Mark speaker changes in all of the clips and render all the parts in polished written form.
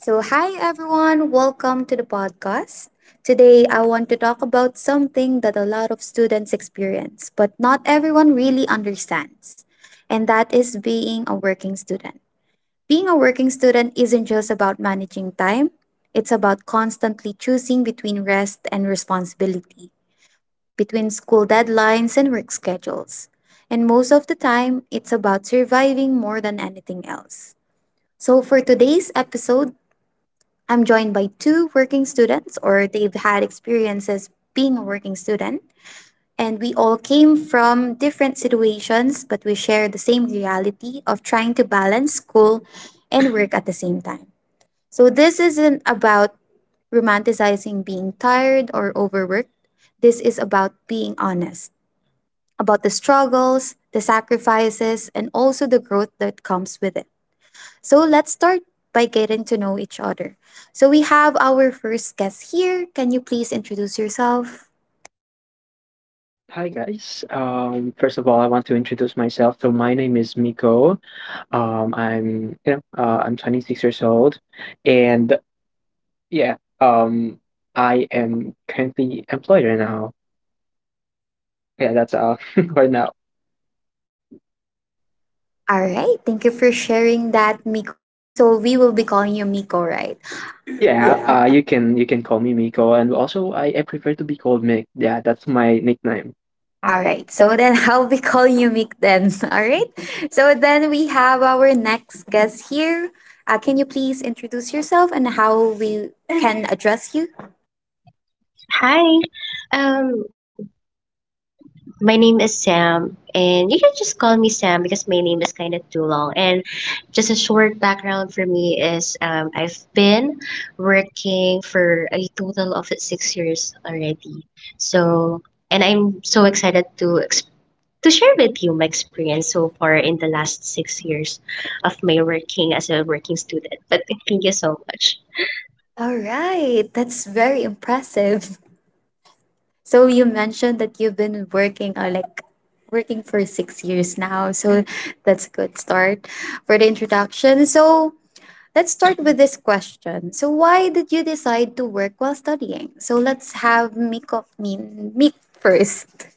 Speaker 1: So, hi everyone, welcome to the podcast. Today, I want to talk about something that a lot of students experience, but not everyone really understands, and that is being a working student. Being a working student isn't just about managing time, it's about constantly choosing between rest and responsibility, between school deadlines and work schedules. And most of the time, it's about surviving more than anything else. So, for today's episode, I'm joined by two working students, or they've had experiences being a working student. And we all came from different situations, but we share the same reality of trying to balance school and work at the same time. So, this isn't about romanticizing being tired or overworked. This is about being honest, about the struggles, the sacrifices, and also the growth that comes with it. So let's start by getting to know each other. So we have our first guest here. Can you please introduce yourself?
Speaker 2: Hi guys. First of all, I want to introduce myself. So my name is Miko. I'm I'm 26 years old, and yeah, um, I am currently employed right now. Yeah, that's right now.
Speaker 1: All right. Thank you for sharing that, Miko. So we will be calling you Miko, right? Yeah.
Speaker 2: Yeah, you can call me Miko, and also I prefer to be called Mick. Yeah, that's my nickname.
Speaker 1: All right. So then I'll be calling you Mick then. All right. So then we have our next guest here. Can you please introduce yourself and how we can address you?
Speaker 3: Hi, um, my name is Sam, and you can just call me Sam because my name is kind of too long. And just a short background for me is I've been working for a total of 6 years already. So, and I'm so excited to share with you my experience so far in the last 6 years of my working as a working student. But thank you so much.
Speaker 1: All right. That's very impressive. So you mentioned that you've been working like working for 6 years now. So that's a good start for the introduction. So let's start with this question. So why did you decide to work while studying? So let's have Miko mean Meek first.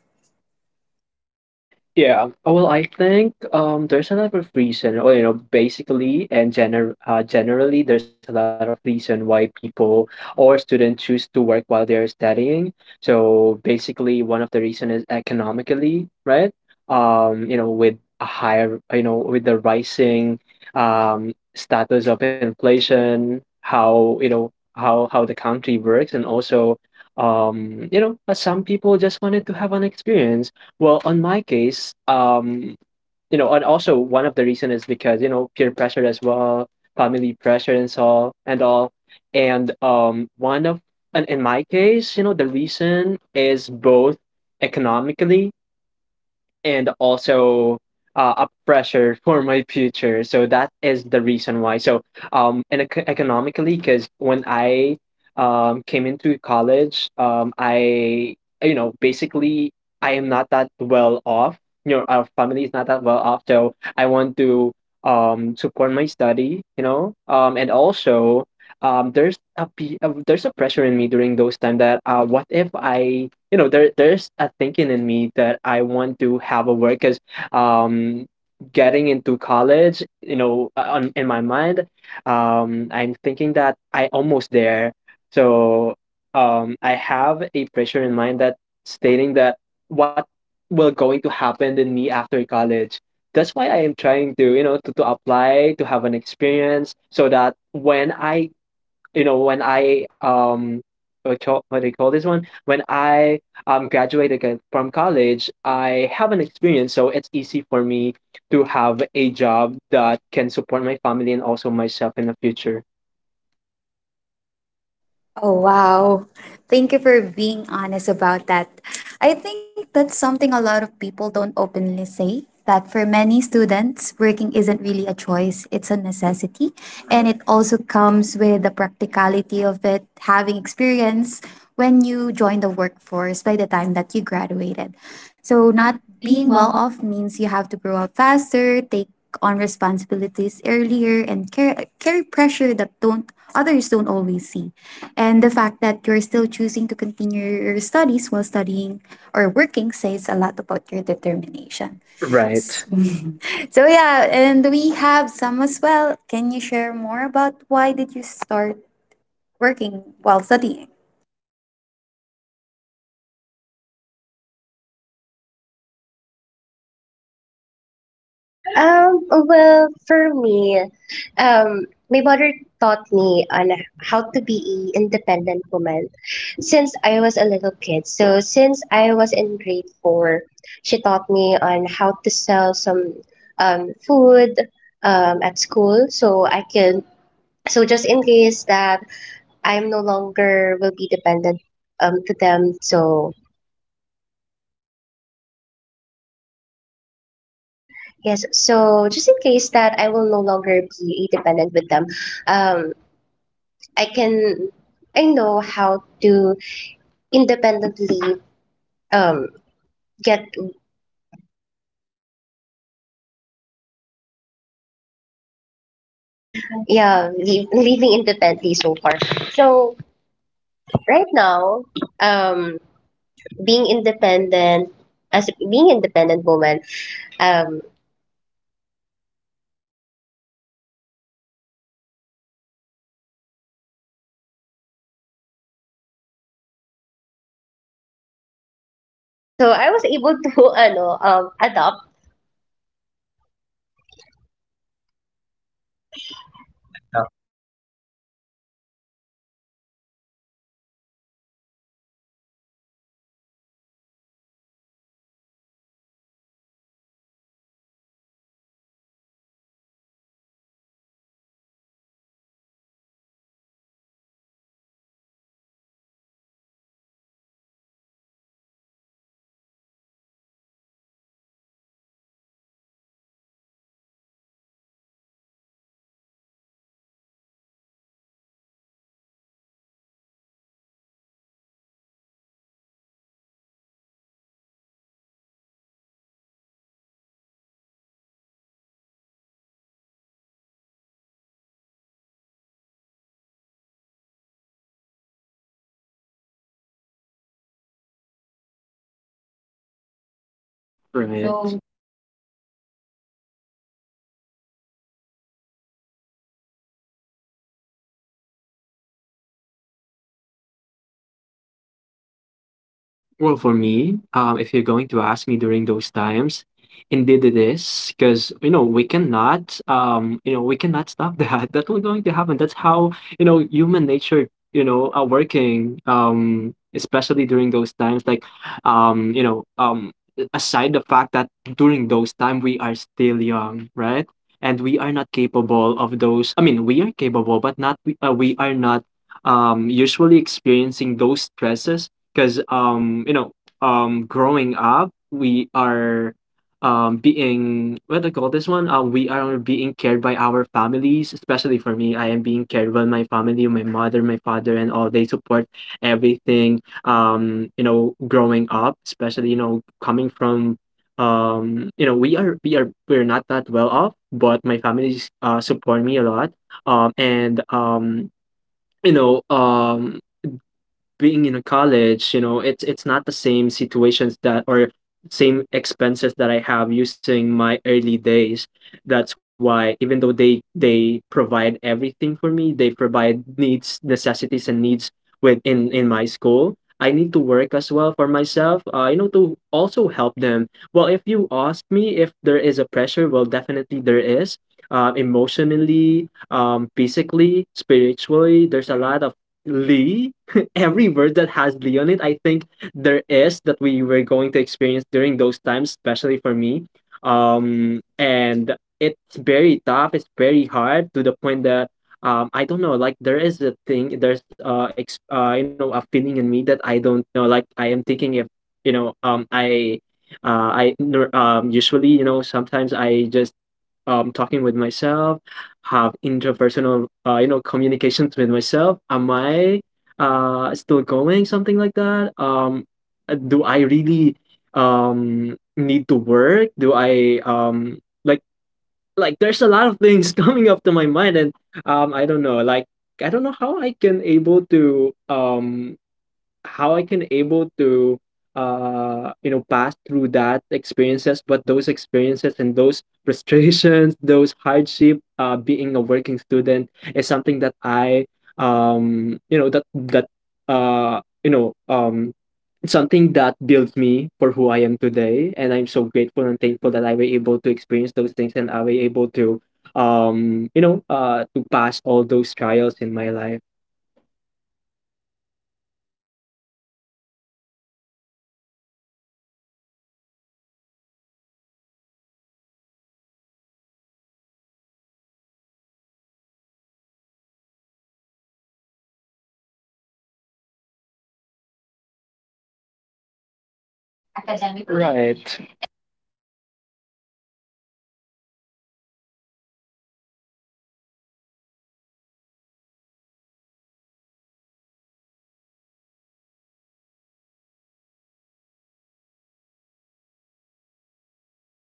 Speaker 2: Yeah. Oh, well, I think there's a lot of reason, or basically and generally, there's a lot of reason why people or students choose to work while they're studying. So basically, one of the reason is economically, right? With a higher, you know, with the rising status of inflation, how how the country works, and also, some people just wanted to have an experience well, on my case, and also one of the reason is because, you know, peer pressure as well, family pressure and so and all. And one of and in my case, you know, the reason is both economically and also a pressure for my future. So that is the reason why. So and economically, because when I came into college, I you know basically I am not that well off. You know, our family is not that well off. So I want to support my study. You know, and also there's there's a pressure in me during those time that what if I you know there's a thinking in me that I want to have a work because um getting into college you know on in my mind I'm thinking that I almost there so I have a pressure in mind that stating that what will going to happen in me after college that's why I am trying to you know to apply to have an experience so that when I you know when I what do you call this one? When I graduated from college, I have an experience, it's easy for me to have a job that can support my family and also myself in the future.
Speaker 1: Oh, wow. Thank you for being honest about that. I think that's something a lot of people don't openly say that for many students, working isn't really a choice, it's a necessity. And it also comes with the practicality of it, having experience when you join the workforce by the time that you graduated. So, not being well off means you have to grow up faster, take on responsibilities earlier, and carry pressure that don't others don't always see. And the fact that you're still choosing to continue your studies while studying or working says a lot about your determination.
Speaker 2: Right.
Speaker 1: So yeah, and we have some as well. Can you share more about why did you start working while studying?
Speaker 3: Well, for me, my mother taught me on how to be a independent woman since I was a little kid. So since I was in grade four, she taught me on how to sell some food at school, so I can so just in case that I'm no longer will be dependent to them. So yes, so just in case that I will no longer be dependent with them. Um, I can I know how to independently um get living independently so far. So right now, um being independent, as being independent woman, um so I was able to ano adopt.
Speaker 1: Yeah, so that says about that. All right. So like it's on the upbringing to be independent or live independently. So you already know by the time that you had the experience already. So that is why you have 6 years of experience, right?
Speaker 2: Right.
Speaker 1: So for this one, did you both feel any pressure financially or emotionally while, working and studying?
Speaker 2: Well, for me, if you're going to ask me during those times, indeed it is, because you know we cannot, you know we cannot stop that. That will going to happen. That's how you know human nature, you know, are working. Especially during those times, like, um, you know, um, aside the fact that during those time we are still young, right? And we are not capable of those. I mean, we are capable, but not we. We are not usually experiencing those stresses because growing up we are being what do you call this one we are being cared by our families, especially for me. I am being cared by my family, my mother, my father, and all. They support everything, you know, growing up. Especially you know coming from we are we're not that well off, but my families support me a lot. And you know Being in a college, you know, it's not the same situations that or same expenses that I have using my early days. That's why even though they provide everything for me, they provide needs, necessities, and needs within in my school. I need to work as well for myself, you know, to also help them. Well, if you ask me if there is a pressure, well, definitely there is. Emotionally, physically, spiritually, there's a lot of lee. Every word that has Lee on it, I think there is that we were going to experience during those times, especially for me. And it's very tough. It's very hard to the point that I don't know. Like there is a thing. There's you know, a feeling in me that I don't know. Like I am thinking if you know, I nor- usually you know sometimes I just talking with myself, have interpersonal, you know, communications with myself. Am I still going? Something like that. Do I really need to work? Do I like? There's a lot of things coming up to my mind, and I don't know. Like I don't know how I can able to how I can able to you know pass through that experiences. But those experiences and those frustrations, those hardship being a working student is something that I you know that that you know it's something that builds me for who I am today, and I'm so grateful and thankful that I were able to experience those things, and I were able to you know to pass all those trials in my life.
Speaker 1: All right. So thank you so much for sharing those information. And yeah, indeed, being a working student indeed had a lot of pressure in it, especially you were juggling the stress in work and even stress academically.
Speaker 2: Right.
Speaker 1: And also, you mentioned about having a supportive family. So it's good that you have your family to be there with you as you navigate those struggles.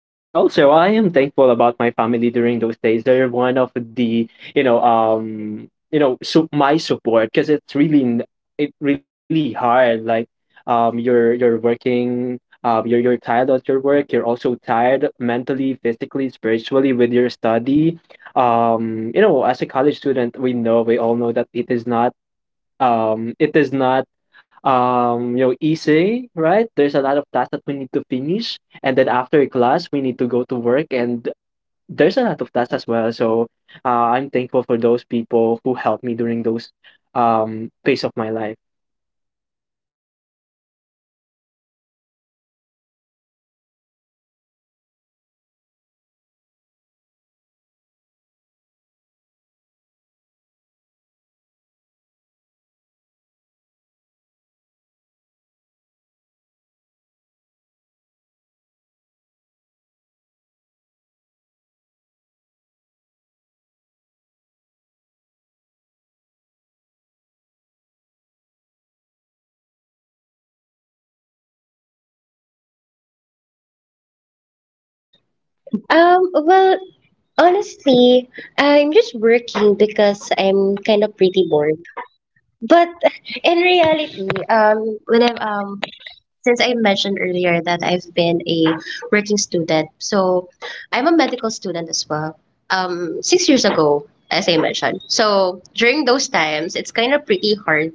Speaker 2: Yeah, also I am thankful about my family during those days. They're one of the so my support, because it's really it really hard. Like you're working, you're tired at your work, you're also tired mentally, physically, spiritually with your study. You know, as a college student, we know, we all know that it is not you know easy, right? There's a lot of tasks that we need to finish, and then after class we need to go to work, and there's a lot of tasks as well. So I'm thankful for those people who helped me during those phase of my life.
Speaker 1: All right, yeah. Indeed, there's a lot of pressure and then there's a lot of what ifs and then the struggles are really there. So yeah, thank you so much for sharing your experience regarding the pressure emotionally, financially, and even all the leagues that you mentioned. So yeah, we have Sam here as well. So can you tell us how you feel? Like, did you feel pressure financially or emotionally or otherly that sa I mean Mick mentioned.
Speaker 3: Well, honestly, I'm just working because I'm kind of pretty bored. But in reality, when I'm since I mentioned earlier that I've been a working student, so I'm a medical student as well. 6 years ago, as I mentioned. So during those times, it's kind of pretty hard.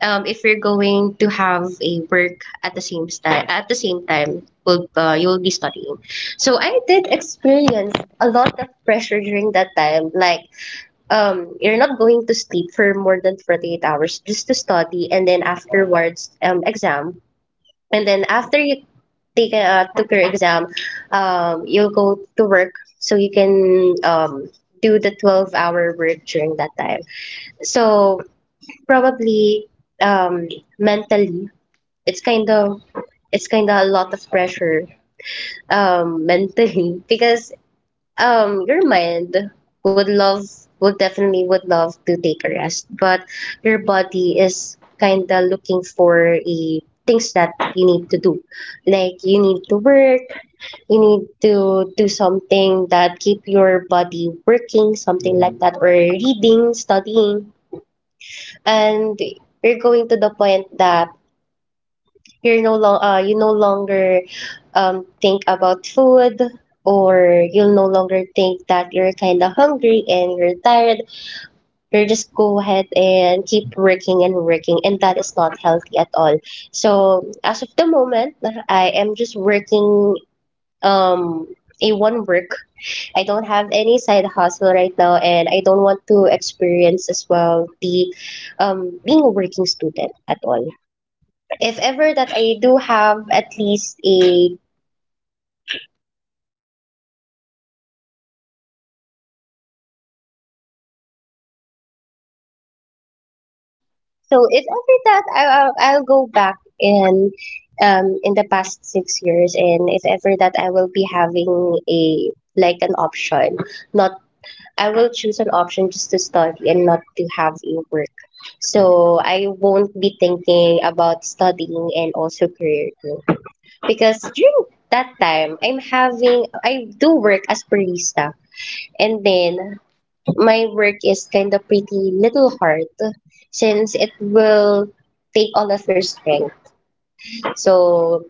Speaker 3: If you're going to have a work at the same time, will you'll be studying. So I did experience a lot of pressure during that time. Like, you're not going to sleep for more than 48 hours just to study, and then afterwards, exam. And then after you take took your exam, you'll go to work so you can do the 12-hour hour work during that time. So probably, um, mentally, it's kind of it's kind of a lot of pressure, mentally, because your mind would love would definitely would love to take a rest, but your body is kind of looking for a things that you need to do, like you need to work, you need to do something that keep your body working, something like that, or reading, studying, and you're going to the point that you no longer think about food, or you'll no longer think that you're kind of hungry and you're tired. You just go ahead and keep working and working, and that is not healthy at all. So as of the moment, I am just working um a one work. I don't have any side hustle right now, and I don't want to experience as well the, being a working student at all. If ever that I do have at least a so if ever that I'll go back in, in the past 6 years, and if ever that I will be having a like an option, not, I will choose an option just to study and not to have a work. So I won't be thinking about studying and also career growth, because during that time I do work as barista, and then my work is kind of pretty little hard since it will take all of your strength. So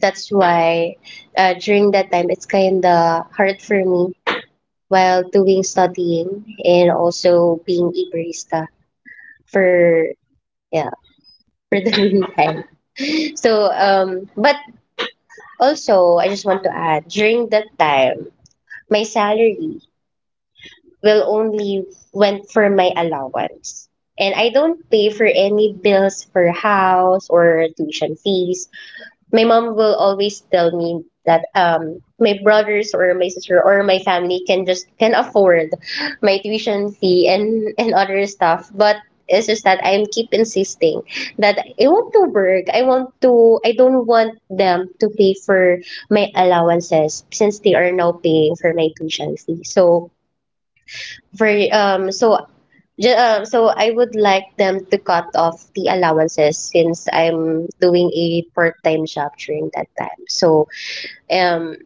Speaker 3: that's why, during that time it's kind of hard for me while doing studying and also being a barista for yeah for the meantime. So, but also I just want to add, during that time my salary will only went for my allowance. And I don't pay for any bills for house or tuition fees. My mom will always tell me that my brothers or my sister or my family can afford my tuition fee and other stuff. But it's just that I'm keep insisting that I want to work. I don't want them to pay for my allowances since they are now paying for my tuition fee. For um so so I would like them to cut off the allowances since I'm doing a part-time job during that time. So, um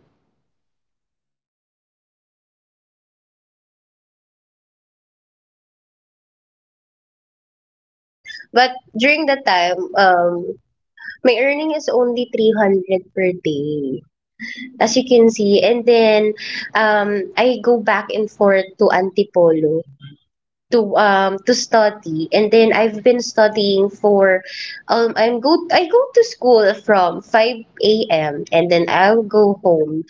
Speaker 3: but during that time, my earning is only 300 per day, as you can see. And then I go back and forth to Antipolo to study. And then I've been studying for I'm go I go to school from 5 a.m., and then I'll go home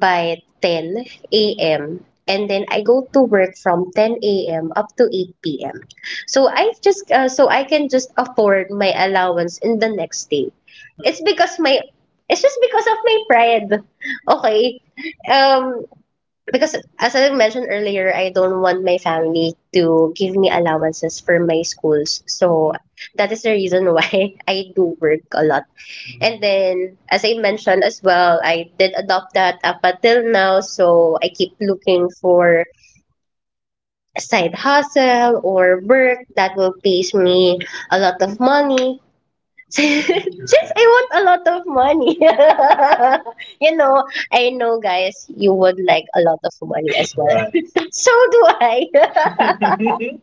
Speaker 3: by 10 a.m., and then I go to work from 10 a.m. up to 8 p.m. So I can just afford my allowance in the next day. It's because my it's just because of my pride. Okay? Um Because as I mentioned earlier, I don't want my family to give me allowances for my schools. So that is the reason why I do work a lot. And then, as I mentioned as well, I did adopt that up until now. So I keep looking for a side hustle or work that will pays me a lot of money. Just I want a lot of money. you know, I know, guys, you would like a lot of money as well. Right. So do I.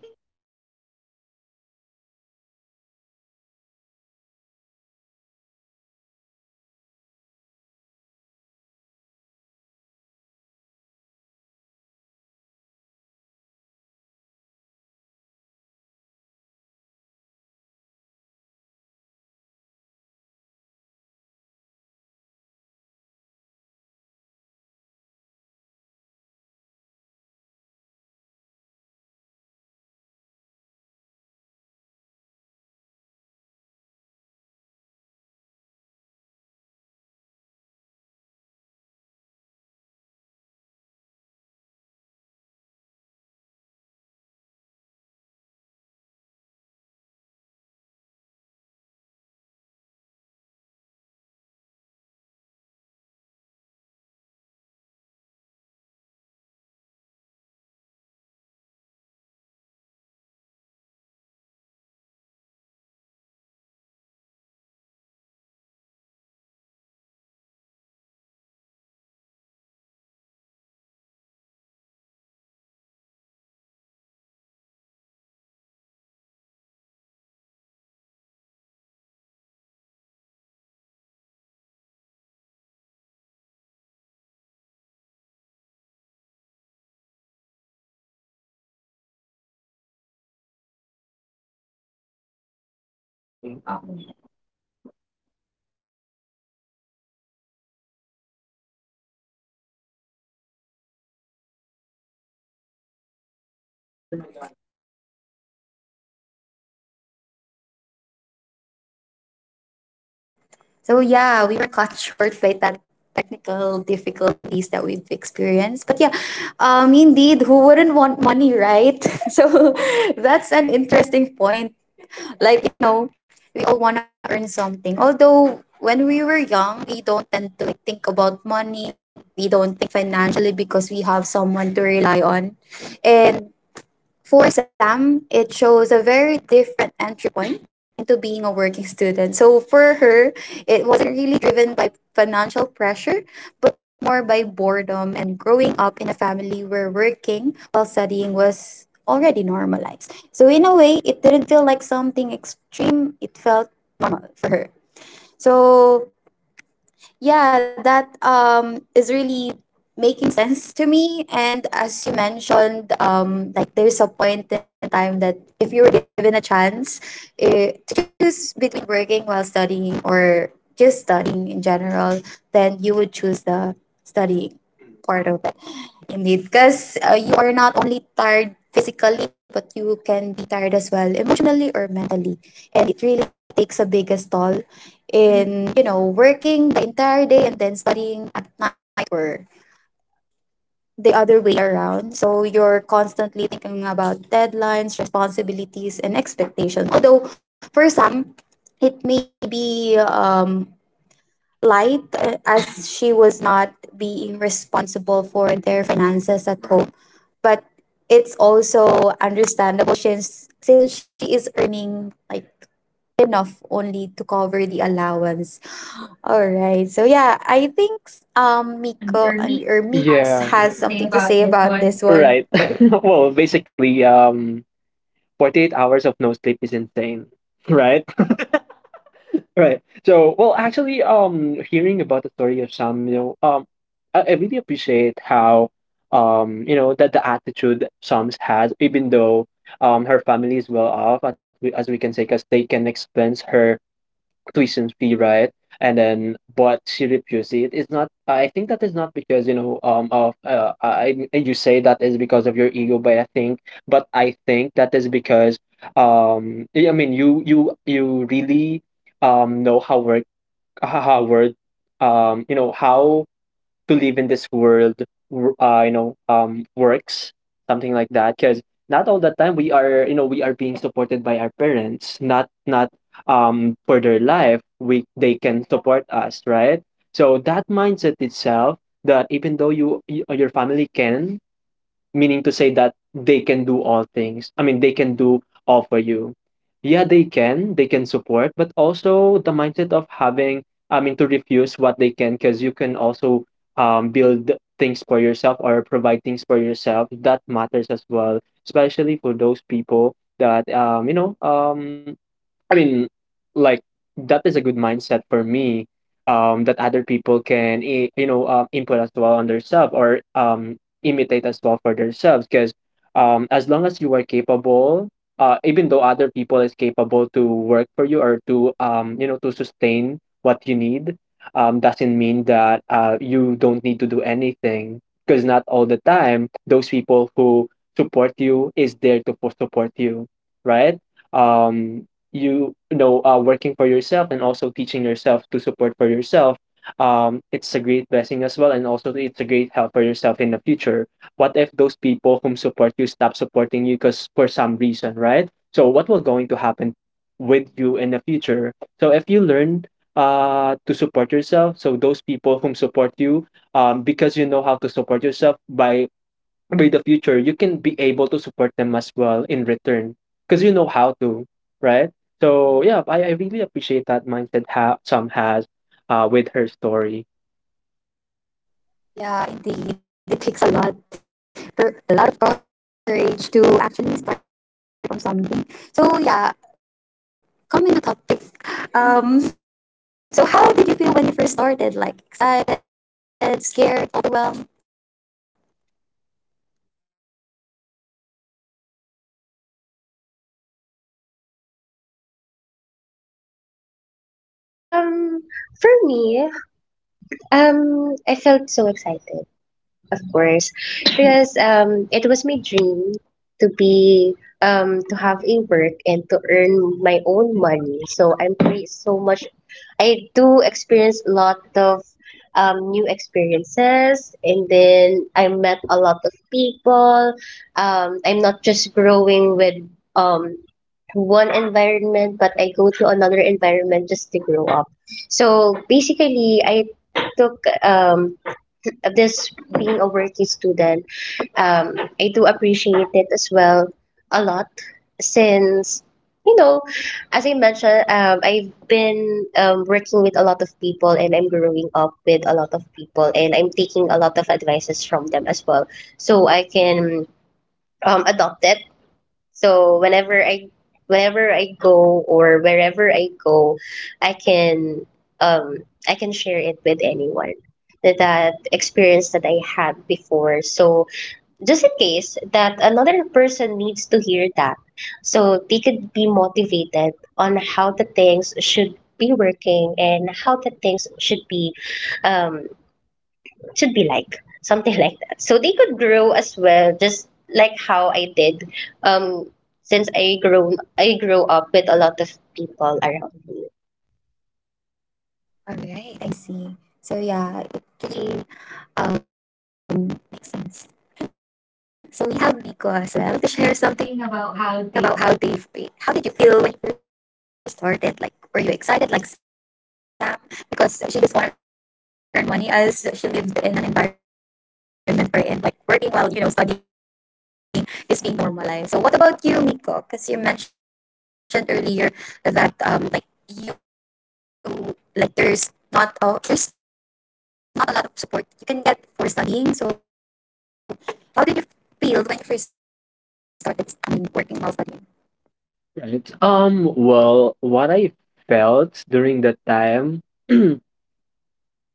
Speaker 1: So yeah, we were caught short by that technical difficulties that we've experienced. But yeah, indeed, who wouldn't want money, right? So that's an interesting point. Like we all want to earn something. Although when we were young, we don't tend to like think about money. We don't think financially because we have someone to rely on, and for Sam, it shows a very different entry point into being a working student. So for her, it wasn't really driven by financial pressure, but more by boredom and growing up in a family where working while studying was already normalized. So in a way, it didn't feel like something extreme, it felt normal for her. So yeah, that is really making sense to me. And as you mentioned, like there's a point in time that if you were given a chance to choose between working while studying or just studying in general, then you would choose the studying part of. Indeed, because you are not only tired physically, but you can be tired as well emotionally or mentally, and it really takes a biggest toll in working the entire day and then studying at night or the other way around. So you're constantly thinking about deadlines, responsibilities, and expectations. Although for some, it may be light, as she was not being responsible for their finances at home, but it's also understandable since she is earning like enough only to cover the allowance. All right. So yeah, I think Miko, I mean, or
Speaker 2: I
Speaker 1: Mix
Speaker 2: have
Speaker 1: has something to
Speaker 2: something.
Speaker 1: say about this one.
Speaker 2: Right. Well, basically, 48 hours of no sleep is insane. Right? Right. So, well, actually, hearing about the story of Samuel, I really appreciate how, that the attitude Psalms has, even though her family is well off, as as we can say, because they can expense her tuition fee, right? And then, but she refused it. It's not. I think that is not because you know of I and you say that is because of your ego, but I think that is because I mean you really know how work how to live in this world you know works something like that, because not all the time we are you know we are being supported by our parents, not for their life we they can support us, right? So that mindset itself, that even though you your family can meaning to say that they can do all things. I mean, they can do all for you. Yeah, they can. They can support, but also the mindset of having, I mean, to refuse what they can, because you can also build things for yourself or provide things for yourself. That matters as well, especially for those people that I mean, like that is a good mindset for me. That other people can you know input as well on themselves or imitate as well for themselves. Because as long as you are capable, even though other people is capable to work for you or to you know to sustain what you need, doesn't mean that you don't need to do anything. Because not all the time those people who support you is there to support you, right? um you know working for yourself and also teaching yourself to support for yourself, it's a great blessing as well, and also it's a great help for yourself in the future. What if those people whom support you stop supporting you because for some reason, right? So what will going to happen with you in the future? So if you learn to support yourself, so those people whom support you, because you know how to support yourself by read the future, you can be able to support them as well in return, because you know how to, right? So yeah, I really appreciate that mindset Sam has with her story.
Speaker 1: Yeah, indeed. It takes a lot of courage to actually start from something. So yeah, coming to topic. Um so, how did you feel when you first started? Like excited, scared, overwhelmed?
Speaker 3: um for me, I felt so excited. Of course, because it was my dream to be to have a work and to earn my own money. So I'm pretty so much. I do experience a lot of new experiences, and then I met a lot of people. I'm not just growing with um, one environment, but I go to another environment just to grow up. So basically, I took this being a working student. I do appreciate it as well a lot since, you know, as I mentioned, I've been, working with a lot of people, and I'm growing up with a lot of people, and I'm taking a lot of advices from them as well. So I can, adopt it, so whenever I go or wherever I go, I can um I can share it with anyone. That experience that I had before. So just in case that another person needs to hear that, so they could be motivated on how the things should be working and how the things um should be like, something like that, so they could grow as well, just like how I did, um since I grew up with a lot of people around me.
Speaker 1: All right, I see. So yeah, it really um makes sense. So we have Nico as well to share something about how how did you feel when you first started? Like, were you excited like Sam because she just want to earn money as she lived in an environment wherein like working while studying is being normalized. So what about you, Nico? Because you mentioned earlier that you like there's not a lot of support you can get for studying. So how did you feel when you first started studying, working while studying?
Speaker 2: Right. Well, what I felt during that time,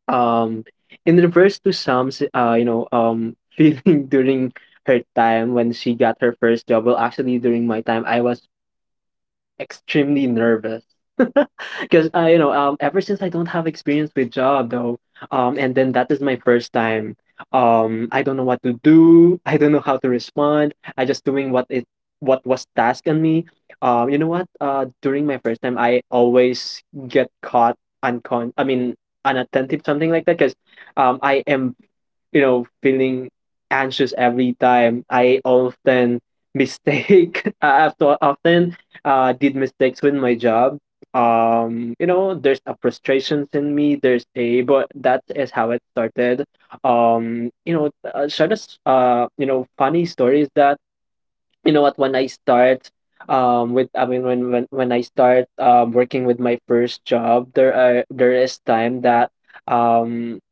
Speaker 2: um, in reverse to Sam's, feeling during her time when she got her first job. Well, actually, during my time, I was extremely nervous because ever since I don't have experience with job though and then that is my first time, I don't know what to do. I don't know how to respond. I just doing what it what was tasked on me. You know what During my first time I always get caught uncon I mean unattentive, something like that because I am, you know, feeling anxious. Every time I often mistake, I have to often did mistakes with my job. There's a frustrations in me. But that is how it started. You know, short, as- you know, Funny story is that, you know what, when I start, with I mean when I start working with my first job, there is time that um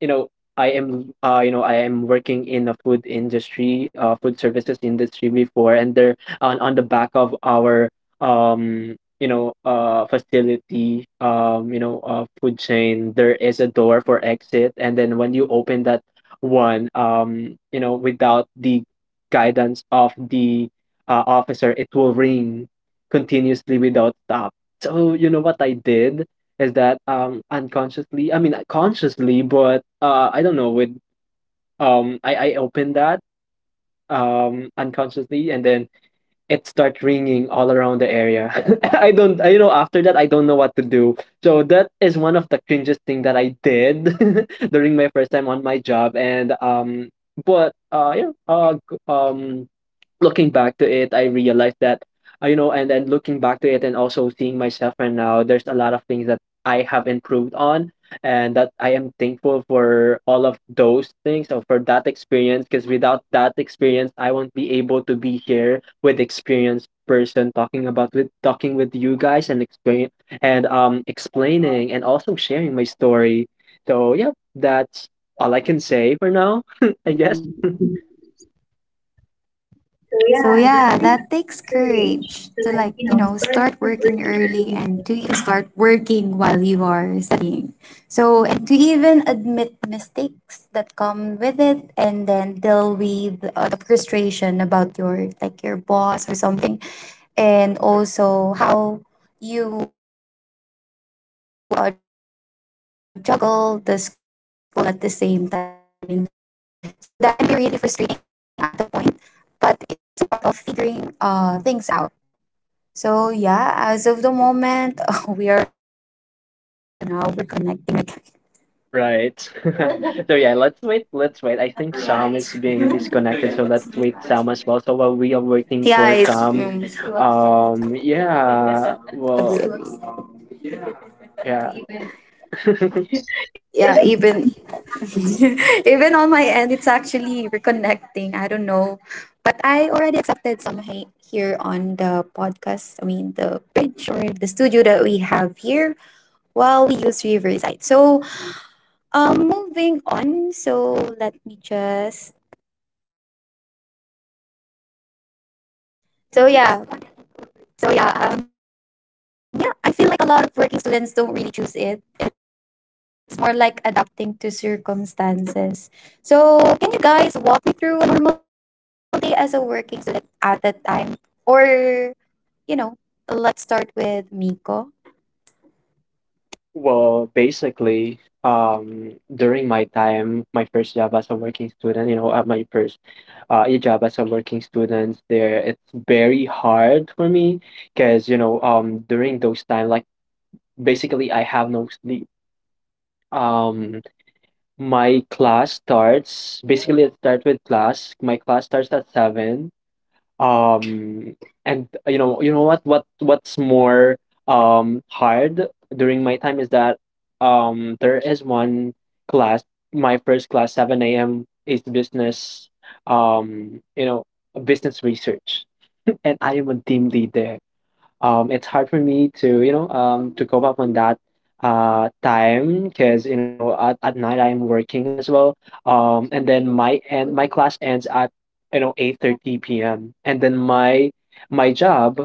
Speaker 2: you know I am, I am working in the food industry, uh, food services industry before, and there on the back of our facility, food chain, there is a door for exit, and then when you open that one, without the guidance of the officer, it will ring continuously without stop. So you know what I did is that, unconsciously I mean consciously, but I don't know. With I open that unconsciously, and then it starts ringing all around the area. I don't I, you know After that I don't know what to do. So that is one of the cringest thing that I did during my first time on my job. And but yeah g- Looking back to it, I realized that, you know, and then looking back to it, and also seeing myself right now, there's a lot of things that I have improved on, and that I am thankful for all of those things, or for that experience, because without that experience, I won't be able to be here with experienced person talking with you guys and explaining and also sharing my story. So yeah, that's all I can say for now, I guess.
Speaker 1: So yeah, that takes courage to like, start working early and to even start working while you are studying. So and to even admit mistakes that come with it and then deal with the frustration about your boss or something. And also how you juggle the school at the same time and learning. So that can be really frustrating at the point, but it's also part of figuring things out. So yeah, as of the moment, we are now reconnecting.
Speaker 2: Right. So yeah, let's wait. Let's wait. I think Sam I is being disconnected, so let's wait Sam as well. So
Speaker 1: Yeah,
Speaker 2: while we are
Speaker 1: it's
Speaker 2: waiting for Sam,
Speaker 1: right.
Speaker 2: yeah, well,
Speaker 1: Agree. Agree.
Speaker 2: yeah.
Speaker 1: Yeah, even even on my end it's actually already accepted somehow here on the podcast, I mean the bridge or the studio that we have here while we use riverside. So moving on. So let me just so yeah so yeah yeah, I feel like a lot of working students don't really choose it. It's more like adapting to circumstances. So, can you guys walk me through a normal day as a working student at that time? Or, you know, let's start with Miko.
Speaker 2: Well, basically, during my time, my first job as a working student, you know, at my first a job as a working student, there it's very hard for me because, you know, during those time, like basically, I have no sleep. Um, my class starts basically. It starts with class. My class starts at seven. Um, and you know what, what's more hard during my time is that there is one class. My first class, 7 a.m., is business, um, you know, business research, and I am a team lead there. It's hard for me to, you know, to cope up on that time, because you know at night I'm working as well. And my class ends at, you know, 8:30 p.m., and then my job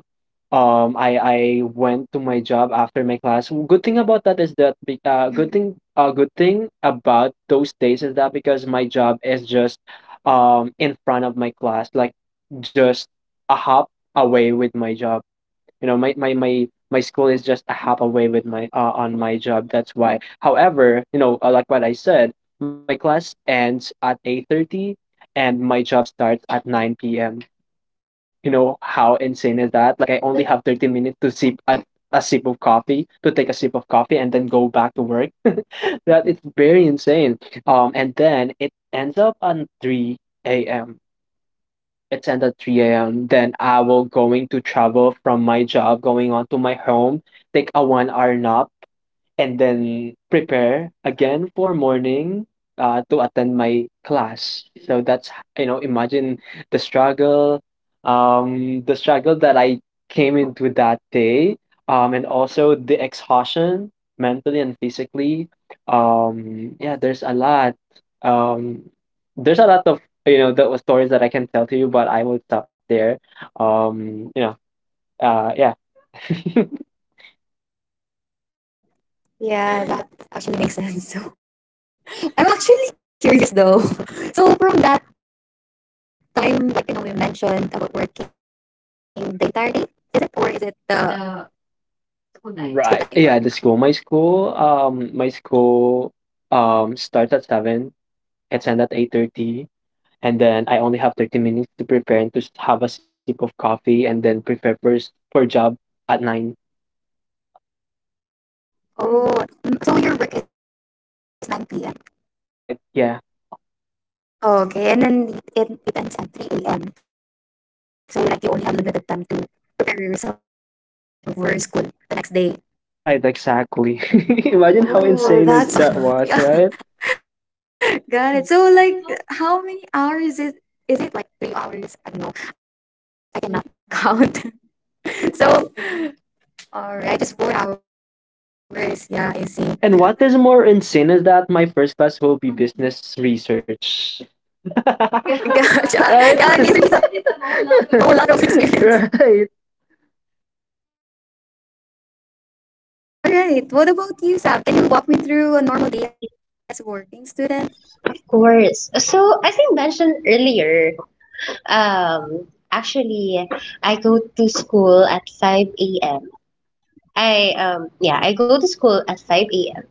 Speaker 2: I went to my job after my class. Good thing about that is that good thing about those days is that because my job is just in front of my class, like just a hop away with my job. You know, my school is just a hop away with my, on my job. That's why, however, you know, like what I said, my class ends at 8:30, and my job starts at 9 p.m. You know how insane is that? Like, I only have 30 minutes to sip a sip of coffee to take a sip of coffee, and then go back to work. That it's very insane. And then it ends up at 3 a.m. Then I will going to travel from my job going on to my home, take a 1 hour nap, and then prepare again for morning, to attend my class. So that's h- you know imagine the struggle, the struggle that I came into that day, and also the exhaustion mentally and physically. Yeah, there's a lot. Um, there's a lot of, you know, the stories that I can tell to you, but I will stop there. Um, you know, yeah.
Speaker 1: Yeah, that actually makes sense. So, I'm actually curious though. So, from that time, like, you mentioned about working the entire day, is it or is it the school time?
Speaker 2: Right. Yeah, the school. My school starts at seven, it's end at 8:30, and then I only have 30 minutes to prepare and to have a sip of coffee, and then prepare first for job at nine.
Speaker 1: Oh, mm, so your work is 9 p.
Speaker 2: Right. Yeah.
Speaker 1: Okay, and then it ends at 3 AM. So like you only have limited time to prepare yourself for school the next day.
Speaker 2: Right. Exactly. Imagine how
Speaker 1: Oh, nice.
Speaker 2: insane
Speaker 1: That's
Speaker 2: is that was,
Speaker 1: yeah,
Speaker 2: right?
Speaker 1: got it. So like how many hours is it, like 3 hours? I don't know. I cannot count. So all right, I just 4 hours. Yeah, I see.
Speaker 2: And what is more insane is that my first class will be business research.
Speaker 1: Gotcha.
Speaker 2: Right?
Speaker 1: Yeah, research is a whole lot of experience.
Speaker 2: Right.
Speaker 1: All right. What about you, Sab? Can you walk me through a normal day as a working student?
Speaker 3: Course. So, as I mentioned earlier, actually, I go to school at 5 a.m. I go to school at 5 a.m.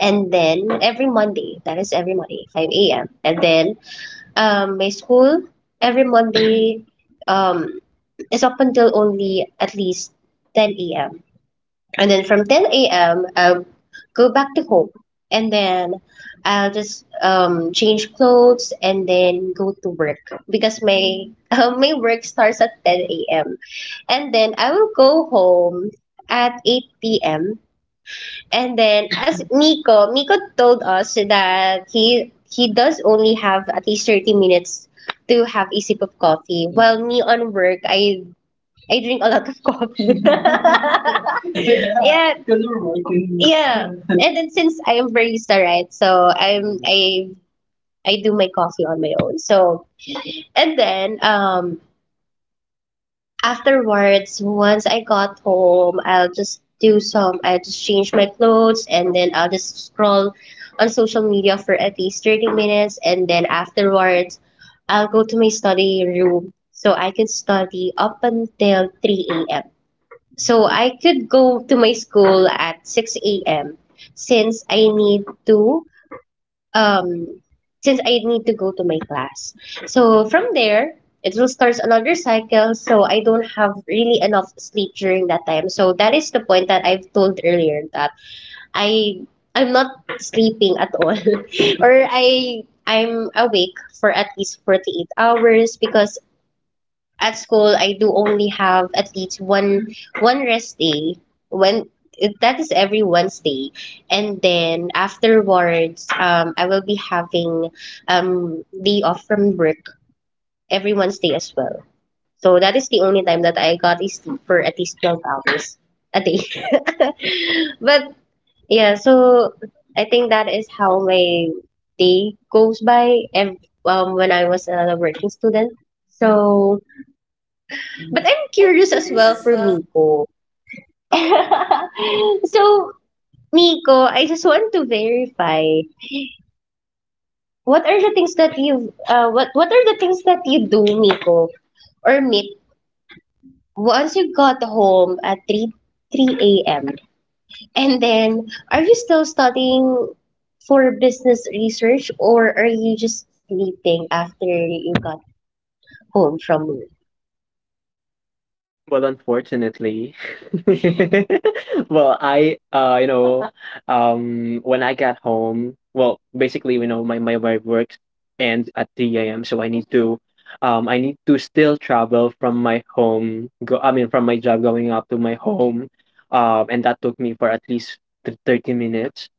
Speaker 3: And then every Monday, that is every Monday, 5 a.m. And then, my school every Monday, um, is up until only at least 10 a.m., and then from 10 a.m. I'll go back to home, and then I'll just change clothes and then go to work, because my my work starts at 10 a.m., and then I will go home at 8 p.m. And then, as Miko told us that he does only have at least 30 minutes to have a sip of coffee. While me on work, I drink a lot of coffee. Yeah. Because we're working. Yeah. And then since I am barista, right? So I do my coffee on my own. So, and then afterwards, once I got home, I'll just do some. I just change my clothes and then I'll just scroll on social media for at least 30 minutes. And then afterwards, I'll go to my study room so I can study up until 3 a.m., so I could go to my school at 6 a.m., since I need to um since I need to go to my class. So from there, it will start another cycle, so I don't have really enough sleep during that time. So that is the point that I've told earlier, that I I'm not sleeping at all. Or I'm awake for at least 48 hours, because at school I do only have at least one rest day, when that is every Wednesday. And then afterwards I will be having day off from work every Wednesday as well. So that is the only time that I got a sleep for at least 12 hours a day. But yeah, so I think that is how my day goes by, when I was a working student. So but I'm curious as well for Miko. So, Miko, I just want to verify what are the things that you what are the things that you do, Miko, or Mick, once you got home at 3 a.m. And then, are you still studying for business research, or are you just sleeping after you got home from work?
Speaker 2: Well, unfortunately, well, when I got home, well, basically, you know, my work ends at three a.m. So I need to still travel from my home. From my job going up to my home, and that took me for at least 30 minutes.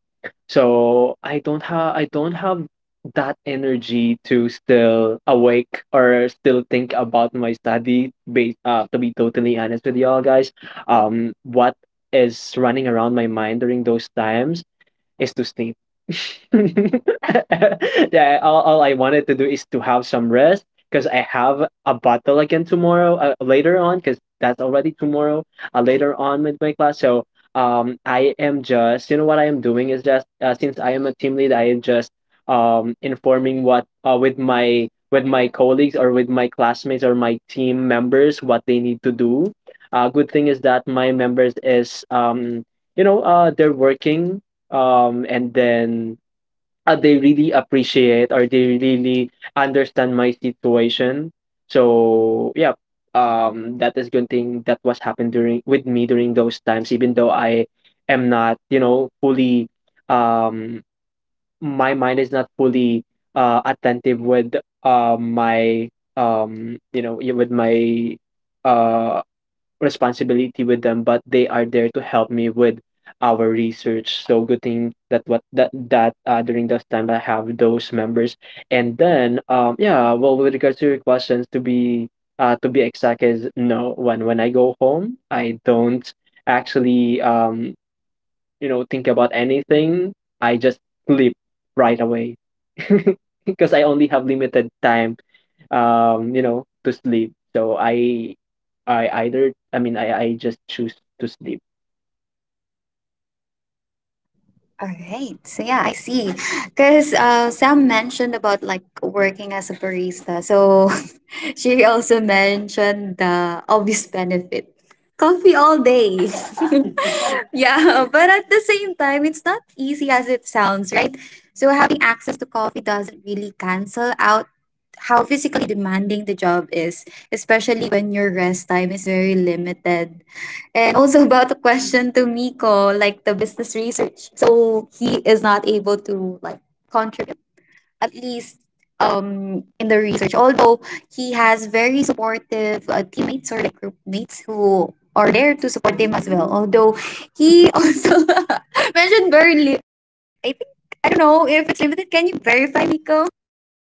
Speaker 2: So I don't have that energy to still awake or still think about my study based, to be totally honest with y'all guys. What is running around my mind during those times is to sleep. Yeah, all I wanted to do is to have some rest, because I have a battle again tomorrow, later on, because that's already tomorrow, later on, with my class. So I am just, you know, what I am doing is just, since I am a team lead, I am just informing what with my colleagues or with my classmates or my team members what they need to do. Good thing is that my members is, they're working, and then they really appreciate or they really understand my situation. So yeah, that is good thing that was happened during with me during those times, even though I am not, you know, fully um my mind is not fully attentive with my you know yeah, with my uh responsibility with them, but they are there to help me with our research. So good thing that what that that during those time I have those members. And then yeah, well, with regards to your questions, to be exact, is no. When I go home, I don't actually think about anything. I just sleep right away. Because I only have limited time, to sleep, so I either I mean I just choose to sleep.
Speaker 1: All right. So yeah, I see. Because Sam mentioned about like working as a barista. So she also mentioned the obvious benefit. Coffee all day. Yeah, but at the same time, it's not easy as it sounds, right? So having access to coffee doesn't really cancel out how physically demanding the job is, especially when your rest time is very limited. And also about the question the business research. So he is not able to like contribute at least in the research, although he has very supportive teammates or like group mates who are there to support him as well, although he also mentioned I think, I don't know if it's limited, can you verify, Miko?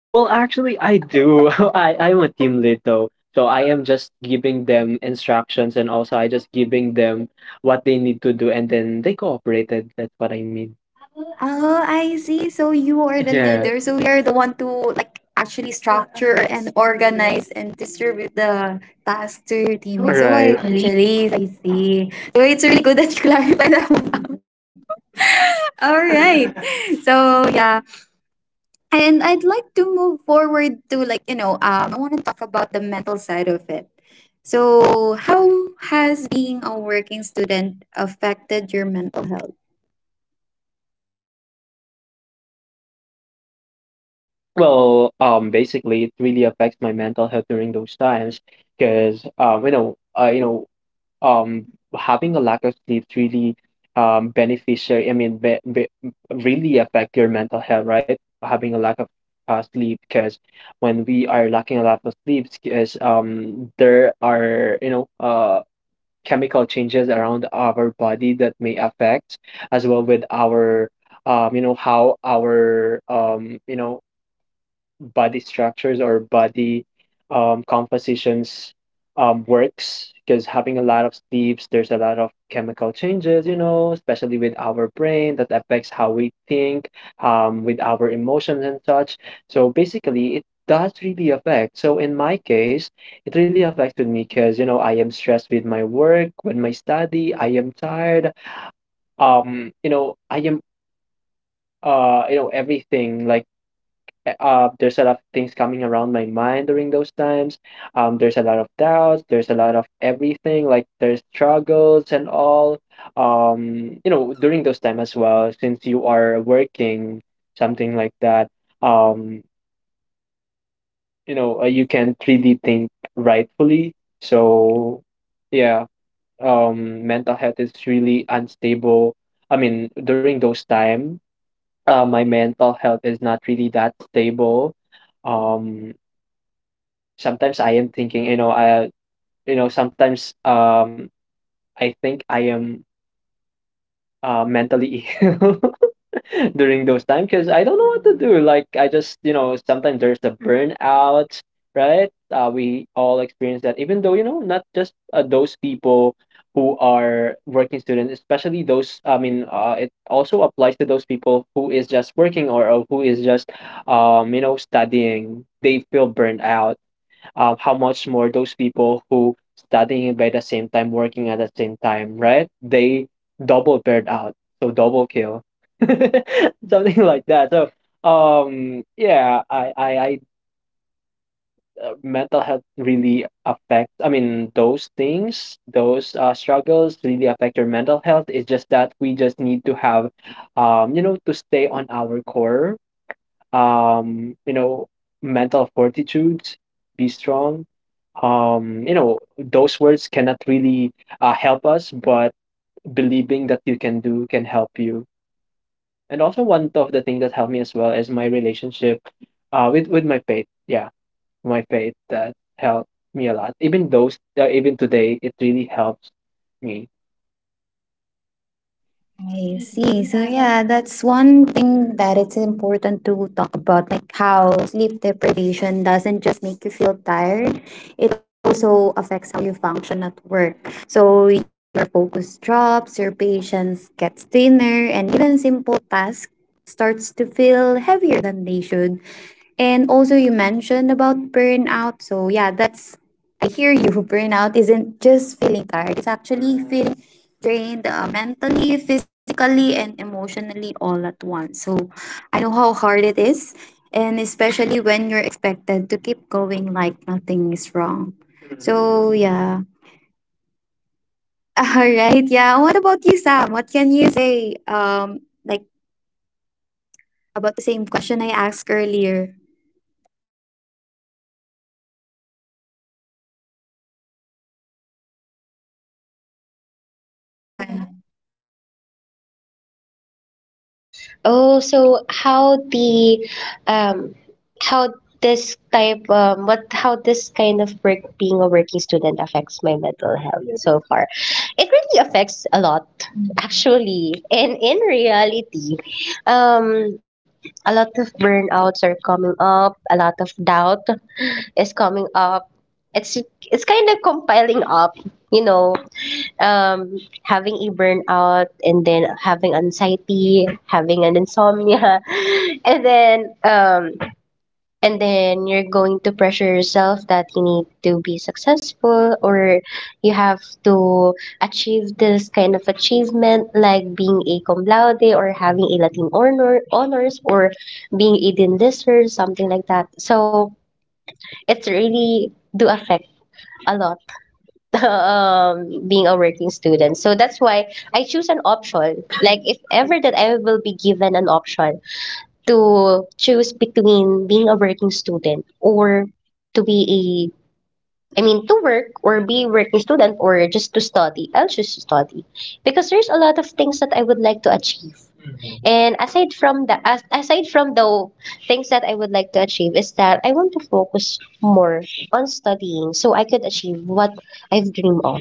Speaker 2: Well, actually, I do. I 'm a team lead though, so I am just giving them instructions, and also I just giving them what they need to do, and then they cooperated. That's what I mean.
Speaker 1: Oh, I see. So you are the leader. So
Speaker 2: Yeah.
Speaker 1: we are the one to like actually structure and organize and distribute the tasks to your teammates. So
Speaker 2: Right.
Speaker 1: I see. So it's really good that you clarified that one. All right. So yeah, and I'd like to move forward to I want to talk about the mental side of it. So how has being a working student affected your mental health?
Speaker 2: Well, basically, it really affects my mental health during those times because, um, having a lack of sleep really, beneficial. I mean, be, really affect your mental health, right? Having a lack of sleep, because when we are lacking a lot of sleep, because there are, you know, chemical changes around our body that may affect as well with our, how our, body structures or body compositions works. Because having a lot of sleeps, there's a lot of chemical changes, you know, especially with our brain, that affects how we think, with our emotions and such. So basically, it does really affect. So in my case, it really affected me because, you know, I am stressed with my work, with my study, I am tired, you know, I am, you know, everything like there's a lot of things coming around my mind during those times. There's a lot of doubts. There's a lot of everything. Like, there's struggles and all. During those time as well, since you are working, something like that. Um, you can 3D think rightfully. So, yeah. Mental health is really unstable. During those time, my mental health is not really that stable. Um, Sometimes I am thinking, you know, I you know, sometimes I think I am mentally ill during those times because I don't know what to do. Like, I just, you know, sometimes there's the burnout, right? We all experience that, even though, you know, not just those people who are working students, especially those, it also applies to those people who is just working, or who is just, studying. They feel burned out. How much more those people who studying by the same time, working at the same time, right? They double paired out, so double kill, something like that. So, yeah, I mental health really affects. I mean, those things, those struggles really affect your mental health. It's just that we just need to have, to stay on our core um, you know, mental fortitude, be strong. Those words cannot really help us, but believing that you can do can help you. And also, one of the things that helped me as well is my relationship with my faith. Yeah, my faith that helped me a lot. Even those, even today, it really helps me.
Speaker 1: I see. So yeah, that's one thing that it's important to talk about, like how sleep deprivation doesn't just make you feel tired, it also affects how you function at work. So your focus drops, your patience gets thinner, and even simple tasks starts to feel heavier than they should. And also you mentioned about burnout. So yeah, that's I hear you. Burnout isn't just feeling tired, it's actually feeling drained mentally, physically, and emotionally all at once. So I know how hard it is, and especially when you're expected to keep going like nothing is wrong. So yeah. All right. Yeah. What about you, Sam? What can you say? Like about the same question I asked earlier. Yeah.
Speaker 3: Oh, so how the um, how this type what how this kind of work being a working student affects my mental health so far. It really affects a lot, actually, and in reality, um, a lot of burnouts are coming up. A lot of doubt is coming up. It's it's kind of compiling up, you know, um, having a burnout, and then having anxiety, having an insomnia, and then um, and then you're going to pressure yourself that you need to be successful, or you have to achieve this kind of achievement, like being a cum laude or having a Latin honors, or being a dean lister, something like that. So it's really do affect a lot, being a working student. So that's why I choose an option. Like, if ever that I will be given an option to choose between being a working student or to be a, I mean, to work or be a working student or just to study, I'll choose to study because there's a lot of things that I would like to achieve. And aside from the as, aside from the things that I would like to achieve is that I want to focus more on studying so I could achieve what I've dreamed of.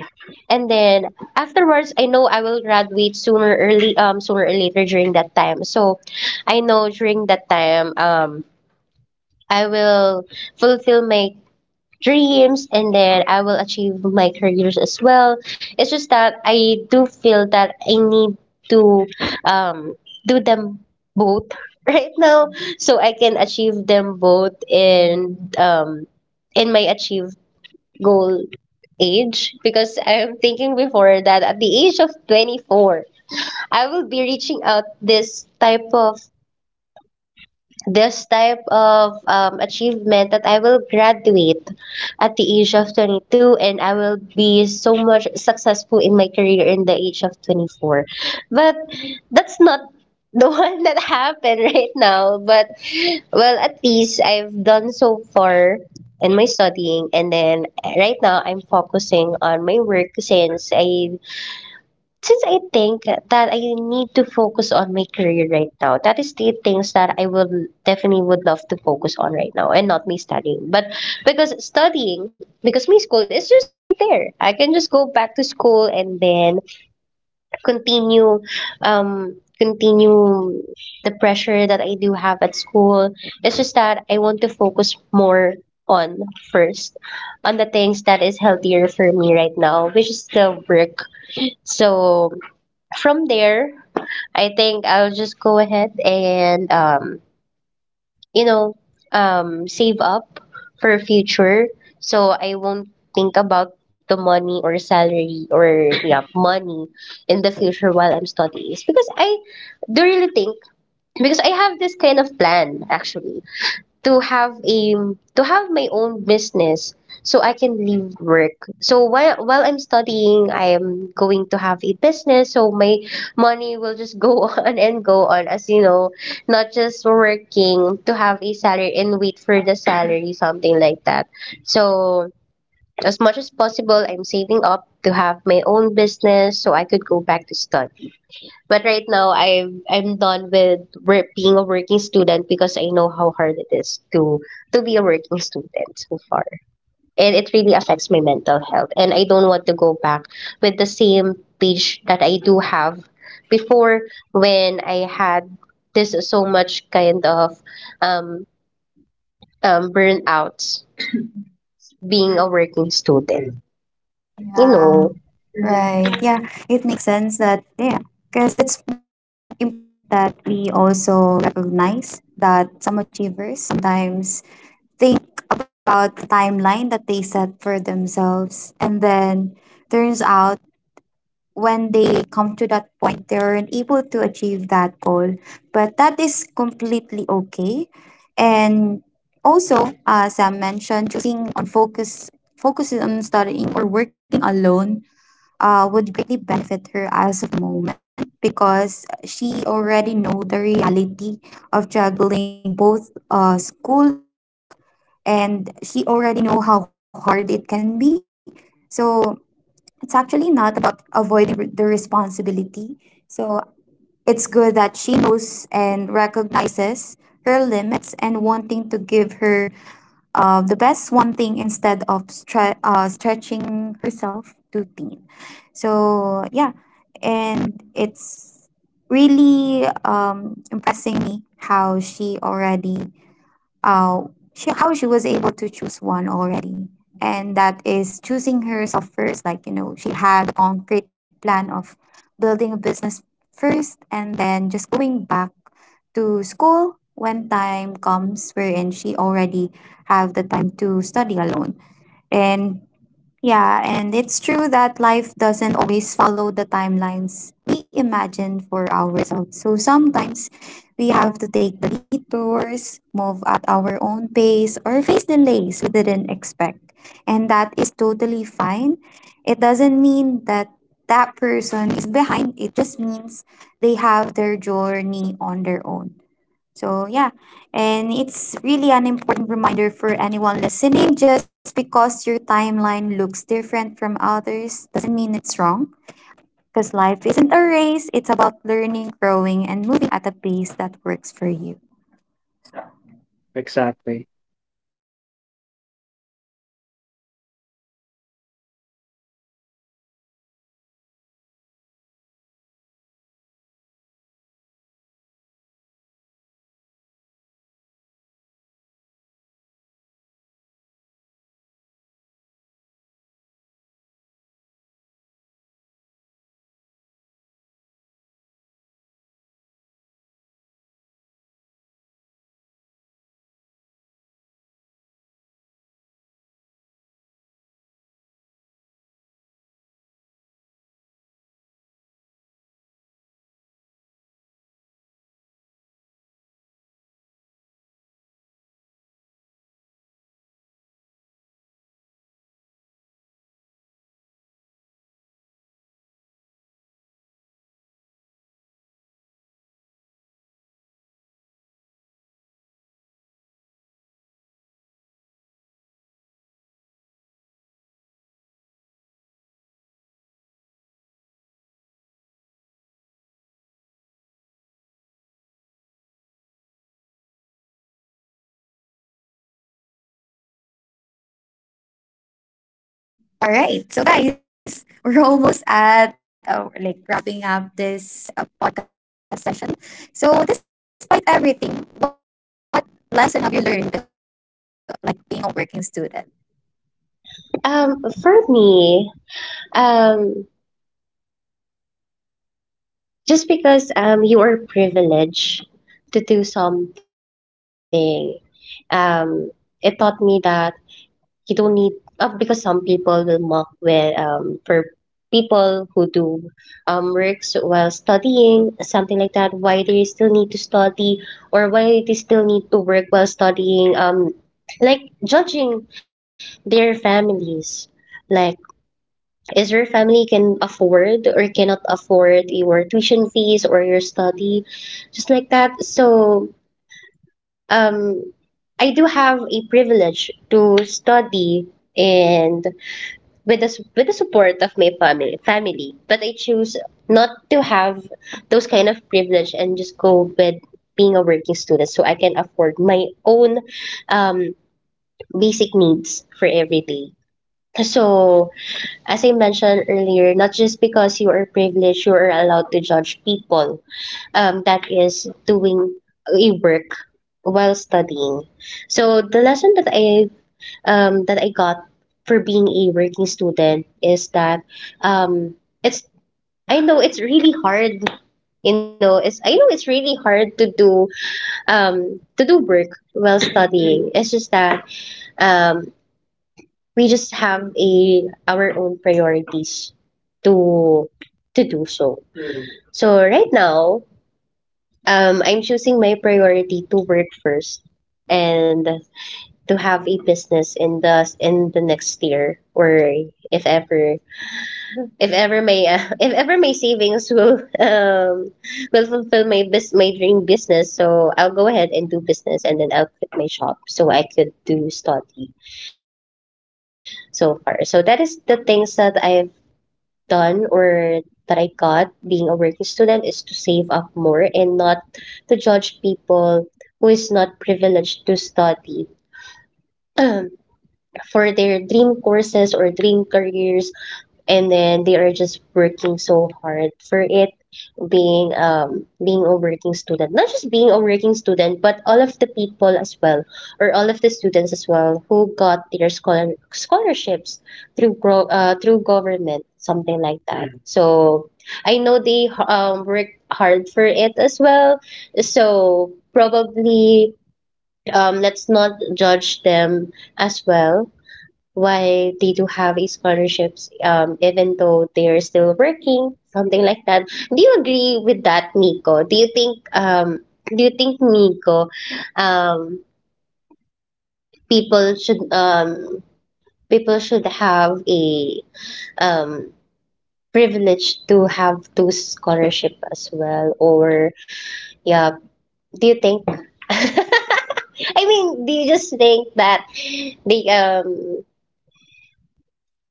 Speaker 3: And then afterwards, I know I will graduate sooner early sooner or later during that time. So I know during that time I will fulfill my dreams, and then I will achieve my careers as well. It's just that I do feel that I need to um, do them both right now, so I can achieve them both, and in my achieved goal age, because I'm thinking before that at the age of 24 I will be reaching out this type of achievement, that I will graduate at the age of 22 and I will be so much successful in my career in the age of 24. But that's not the one that happened right now. But, well, at least I've done so far in my studying, and then right now I'm focusing on my work since I think that I need to focus on my career right now. That is the things that I will definitely would love to focus on right now, and not me studying. But because studying, because my school is just right there. I can just go back to school and then continue continue the pressure that I do have at school. It's just that I want to focus more on first on the things that is healthier for me right now, which is the work. So from there, I think I'll just go ahead and you know, save up for future, so I won't think about the money or salary, or yeah, money in the future while I'm studying. It's because I do really think, because I have this kind of plan actually to have a to have my own business, so I can leave work. So while I'm studying, I am going to have a business, so my money will just go on and go on, as you know, not just working to have a salary and wait for the salary, something like that. So as much as possible, I'm saving up to have my own business so I could go back to study. But right now, I'm done with work, being a working student, because I know how hard it is to be a working student so far, and it really affects my mental health. And I don't want to go back with the same page that I do have before, when I had this so much kind of um, burnout being a working student. You know,
Speaker 1: Yeah. Right. Yeah. It makes sense that yeah, because it's important that we also recognize that some achievers sometimes think about the timeline that they set for themselves. And then turns out when they come to that point, they aren't able to achieve that goal. But that is completely okay. And also, as I mentioned, choosing on focus, focusing on studying or working alone would greatly benefit her as of the moment because she already know the reality of juggling both school and work, and she already know how hard it can be. So it's actually not about avoiding the responsibility. So it's good that she knows and recognizes her limits and wanting to give her the best one thing instead of stretching herself too thin. So yeah, and it's really impressing me how she already uh, how to choose one already. And that is choosing herself first. Like, you know, she had a concrete plan of building a business first and then just going back to school when time comes wherein she already have the time to study alone. And yeah, and it's true that life doesn't always follow the timelines we imagine for ourselves. So sometimes we have to take the detours, move at our own pace, or face delays we didn't expect. And that is totally fine. It doesn't mean that that person is behind, it just means they have their journey on their own. So, yeah, and it's really an important reminder for anyone listening, just because your timeline looks different from others doesn't mean it's wrong. Because life isn't a race, it's about learning, growing, and moving at a pace that works for you.
Speaker 2: Exactly.
Speaker 1: All right, so guys, we're almost at like wrapping up this podcast session. So, despite everything, what lesson have you learned, like being a working student?
Speaker 3: for me, um. just because you are privileged to do something, um it taught me that you don't need, because some people will mock with for people who do works while studying, something like that, why they still need to study or why they still need to work while studying, like judging their families, like, is your family can afford or cannot afford your tuition fees or your study, just like that. So, um, I do have a privilege to study, and with the support of my family, but I choose not to have those kind of privilege and just go with being a working student, so I can afford my own um, basic needs for every day. So, as I mentioned earlier, not just because you are privileged, you are allowed to judge people. That is doing a work while studying. So the lesson that I got for being a working student is that, um, it's I know it's really hard. You know, it's I know it's really hard to do work while studying. It's just that, um, we just have a our own priorities to to do so. Mm. So right now, I'm choosing my priority to work first, and to have a business in the next year, or if ever, if ever my if ever my savings will will fulfill my bus my dream business, so I'll go ahead and do business, and then I'll quit my shop so I could do study so far. So that is the things that I done, or that I got being a working student, is to save up more and not to judge people who is not privileged to study for their dream courses or dream careers, and then they are just working so hard for it, being being a working student, not just being a working student, but all of the people as well, or all of the students as well who got their scholarships through through government, something like that. Mm. So I know they worked hard for it as well. So probably, let's not judge them as well, why they do have a scholarships, even though they're still working, something like that. Do you agree with that, Nico? Do you think, do you think, Nico, um people should, people should have a um privilege to have those scholarship as well, or, yeah, do you think, I mean, do you just think that they um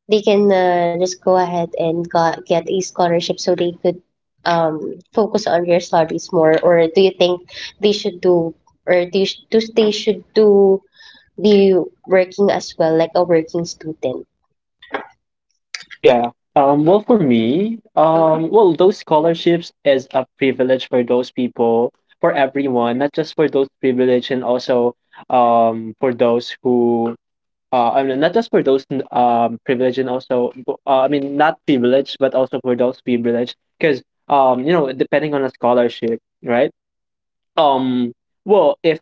Speaker 3: they can, just go ahead and get a scholarship, so they could focus on their studies more, or do you think they should do, or do they should do be working as well, like a working student?
Speaker 2: Yeah. Well, for me, well, those scholarships is a privilege for those people, for everyone, not just for those privileged, and also for those who, I mean, not just for those privileged, and also, I mean, not privileged, but also for those privileged, because depending on a scholarship, right? Um, well, if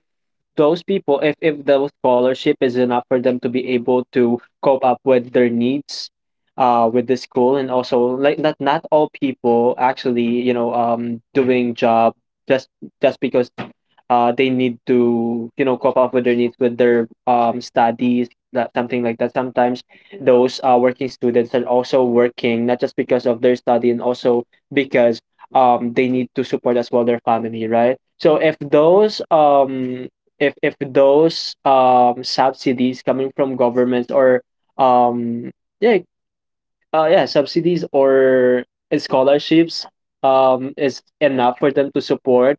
Speaker 2: those people if the scholarship is enough for them to be able to cope up with their needs with the school and also like not all people actually, you know, doing job just because they need to, you know, cope up with their needs with their studies, that something like that. Sometimes those working students are also working not just because of their study and also because they need to support as well their family, right? So if those subsidies coming from government or um yeah yeah subsidies or scholarships is enough for them to support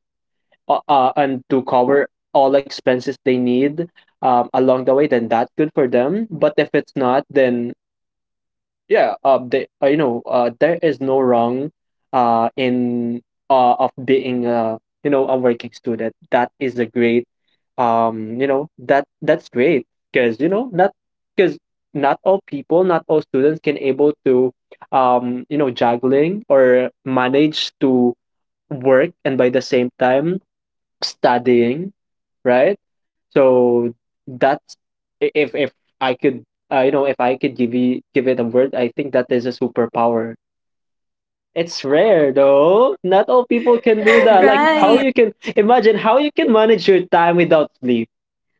Speaker 2: and to cover all expenses they need along the way, then that's good for them, but if it's not, then yeah, they, there is no wrong in of being a working student. That is a great, that that's great because, you know, not because not all people, not all students can able to, juggling or manage to work and by the same time studying, right? So that's I- if I could, if I could give you give it a word, I think that is a superpower. It's rare though. Not all people can do that. Right. Like
Speaker 1: Right.
Speaker 2: how you can imagine how you can manage your time without sleep,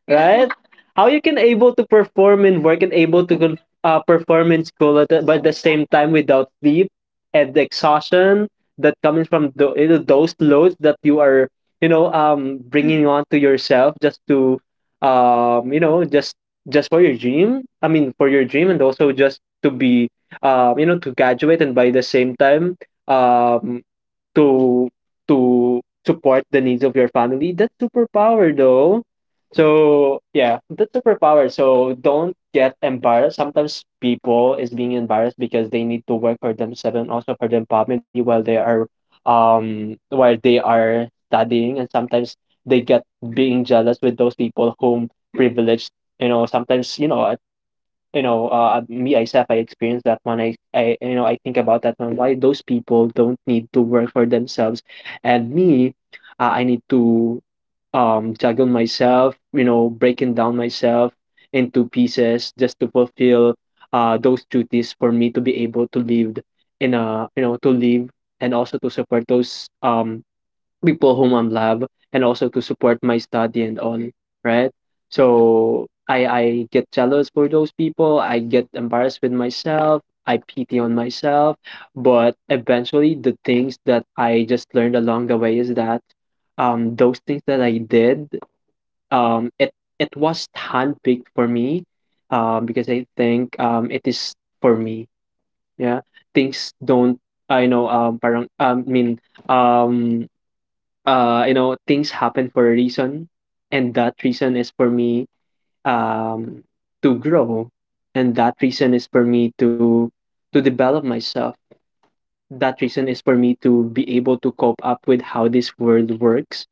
Speaker 2: right? How you can able to perform in work and able to perform in school at the, but at the same time without sleep and the exhaustion that comes from the, you know, those loads that you are, you know, bringing on to yourself just to um you know just just for your dream, I mean for your dream, and also just to be, to graduate, and by the same time um to to support the needs of your family. That's superpower though. So yeah, that's superpower. So don't get embarrassed. Sometimes people is being embarrassed because they need to work for themselves and also for their family while they are while they are studying, and sometimes they get being jealous with those people whom privileged. You know sometimes you know, Me, Isaac, I experienced that one. I you know, I think about that one. Why those people don't need to work for themselves, and me, I need to juggle myself. You know, breaking down myself into pieces just to fulfill those duties for me to be able to live in a, you know, to live, and also to support those people whom I'm love, and also to support my study and all, right? So I get jealous for those people. I get embarrassed with myself. I pity on myself. But eventually the things that I just learned along the way is that those things that I did, um it it was handpicked for me because I think it is for me. Yeah. Things don't I know parang I mean, um you know, things happen for a reason, and that reason is for me, um, to grow, and that reason is for me to develop myself. That reason is for me to be able to cope up with how this world works,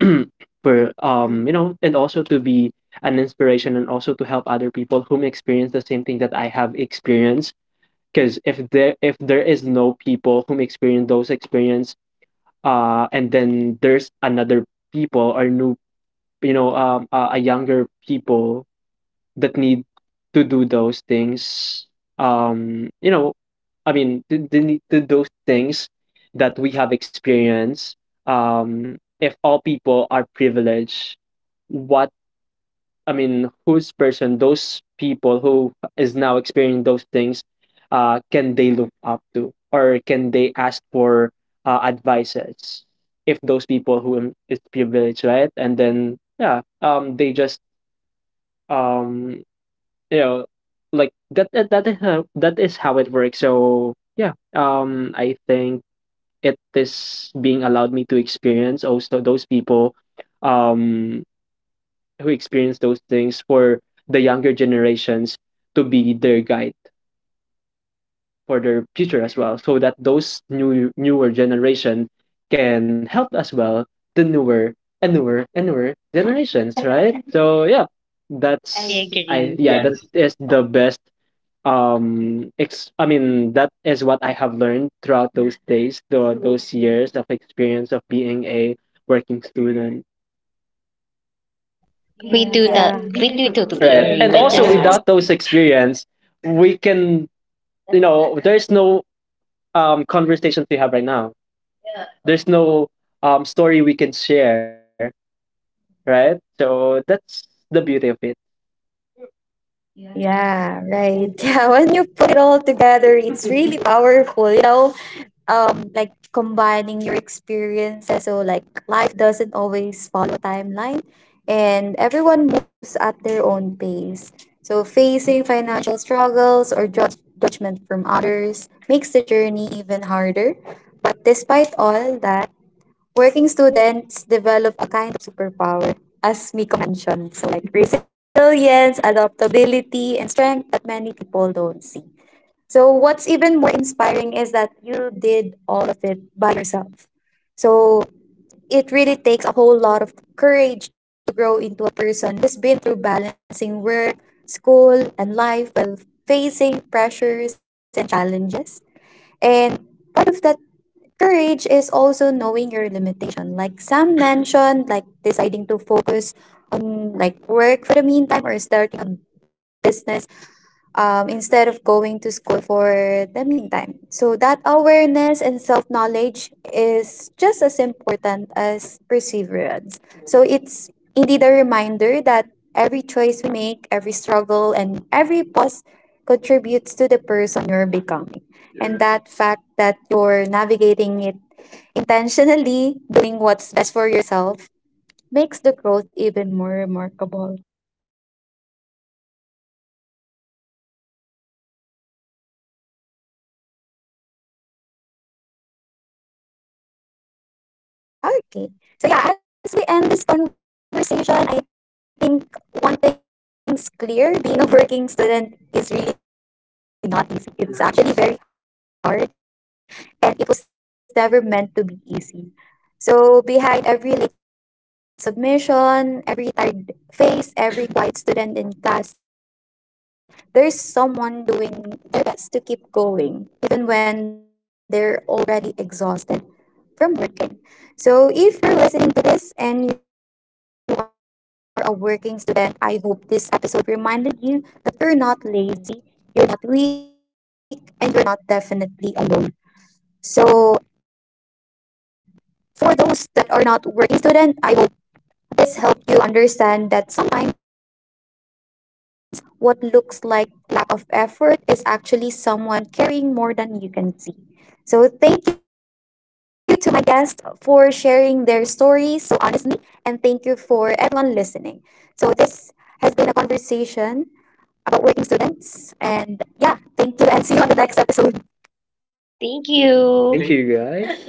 Speaker 2: for and also to be an inspiration and also to help other people whom experience the same thing that I have experienced. Because if there is no people whom experience those experience, and then there's another people or new, you know, a younger people that need to do those things, um you know to those things that we have experienced. If all people are privileged, what I mean whose person those people who is now experiencing those things can they look up to, or can they ask for advices if those people who is privileged, right? And then yeah, they just um you know like that is how it works. So yeah, I think it is being allowed me to experience also those people um who experience those things for the younger generations to be their guide for their future as well, so that those new newer generation can help as well the newer and newer and newer generations, right? So yeah, that's
Speaker 3: That's I
Speaker 2: I
Speaker 3: agree,
Speaker 2: yeah,
Speaker 3: yeah.
Speaker 2: that
Speaker 3: That's,
Speaker 2: is the best, that is what I have learned throughout those days, the, those years of experience of being a working student.
Speaker 1: Yeah.
Speaker 3: we do totally, yeah,
Speaker 2: Right.
Speaker 3: agree. And
Speaker 2: And
Speaker 3: with
Speaker 2: also
Speaker 3: also that,
Speaker 2: without those experience we can, you know, there's no conversations we have right now. There's no story we can share, right? So that's the beauty of it.
Speaker 1: Yeah, right. Yeah, when you put it all together, it's really powerful, you know? Like combining your experiences. So like life doesn't always follow a timeline and everyone moves at their own pace. So facing financial struggles or judge judgment from others makes the journey even harder. But despite all that, working students develop a kind of superpower, as Miko mentioned. So, like resilience, adaptability, and strength that many people don't see. So, what's even more inspiring is that you did all of it by yourself. So, it really takes a whole lot of courage to grow into a person who's been through balancing work, school, and life while facing pressures and challenges. And part of that courage is also knowing your limitation. Like Sam mentioned, like deciding to focus on like work for the meantime or starting a business instead of going to school for the meantime. So that awareness and self-knowledge is just as important as perseverance. So it's indeed a reminder that every choice we make, every struggle, and every pause contributes to the person you're becoming, and that fact that you're navigating it intentionally doing what's best for yourself makes the growth even more remarkable. Okay. So, yeah, as we end this conversation, I think one thing's clear, being a working student is really not easy. It's actually very hard and it was never meant to be easy. So behind every late submission, every tired face, every quiet student in class, there's someone doing their best to keep going, even when they're already exhausted from working. So if you're listening to this and you are a working student, I hope this episode reminded you that you're not lazy, you're not weak, and you're not definitely alone. So for those that are not working student, I hope this helped you understand that sometimes what looks like lack of effort is actually someone caring more than you can see. So thank you to my guests for sharing their stories so honestly, and thank you for everyone listening. So this has been a conversation about working students, and yeah, thank you, and see you on
Speaker 3: thank
Speaker 1: the next
Speaker 2: Thank
Speaker 3: you.
Speaker 2: you
Speaker 1: episode.
Speaker 2: guys.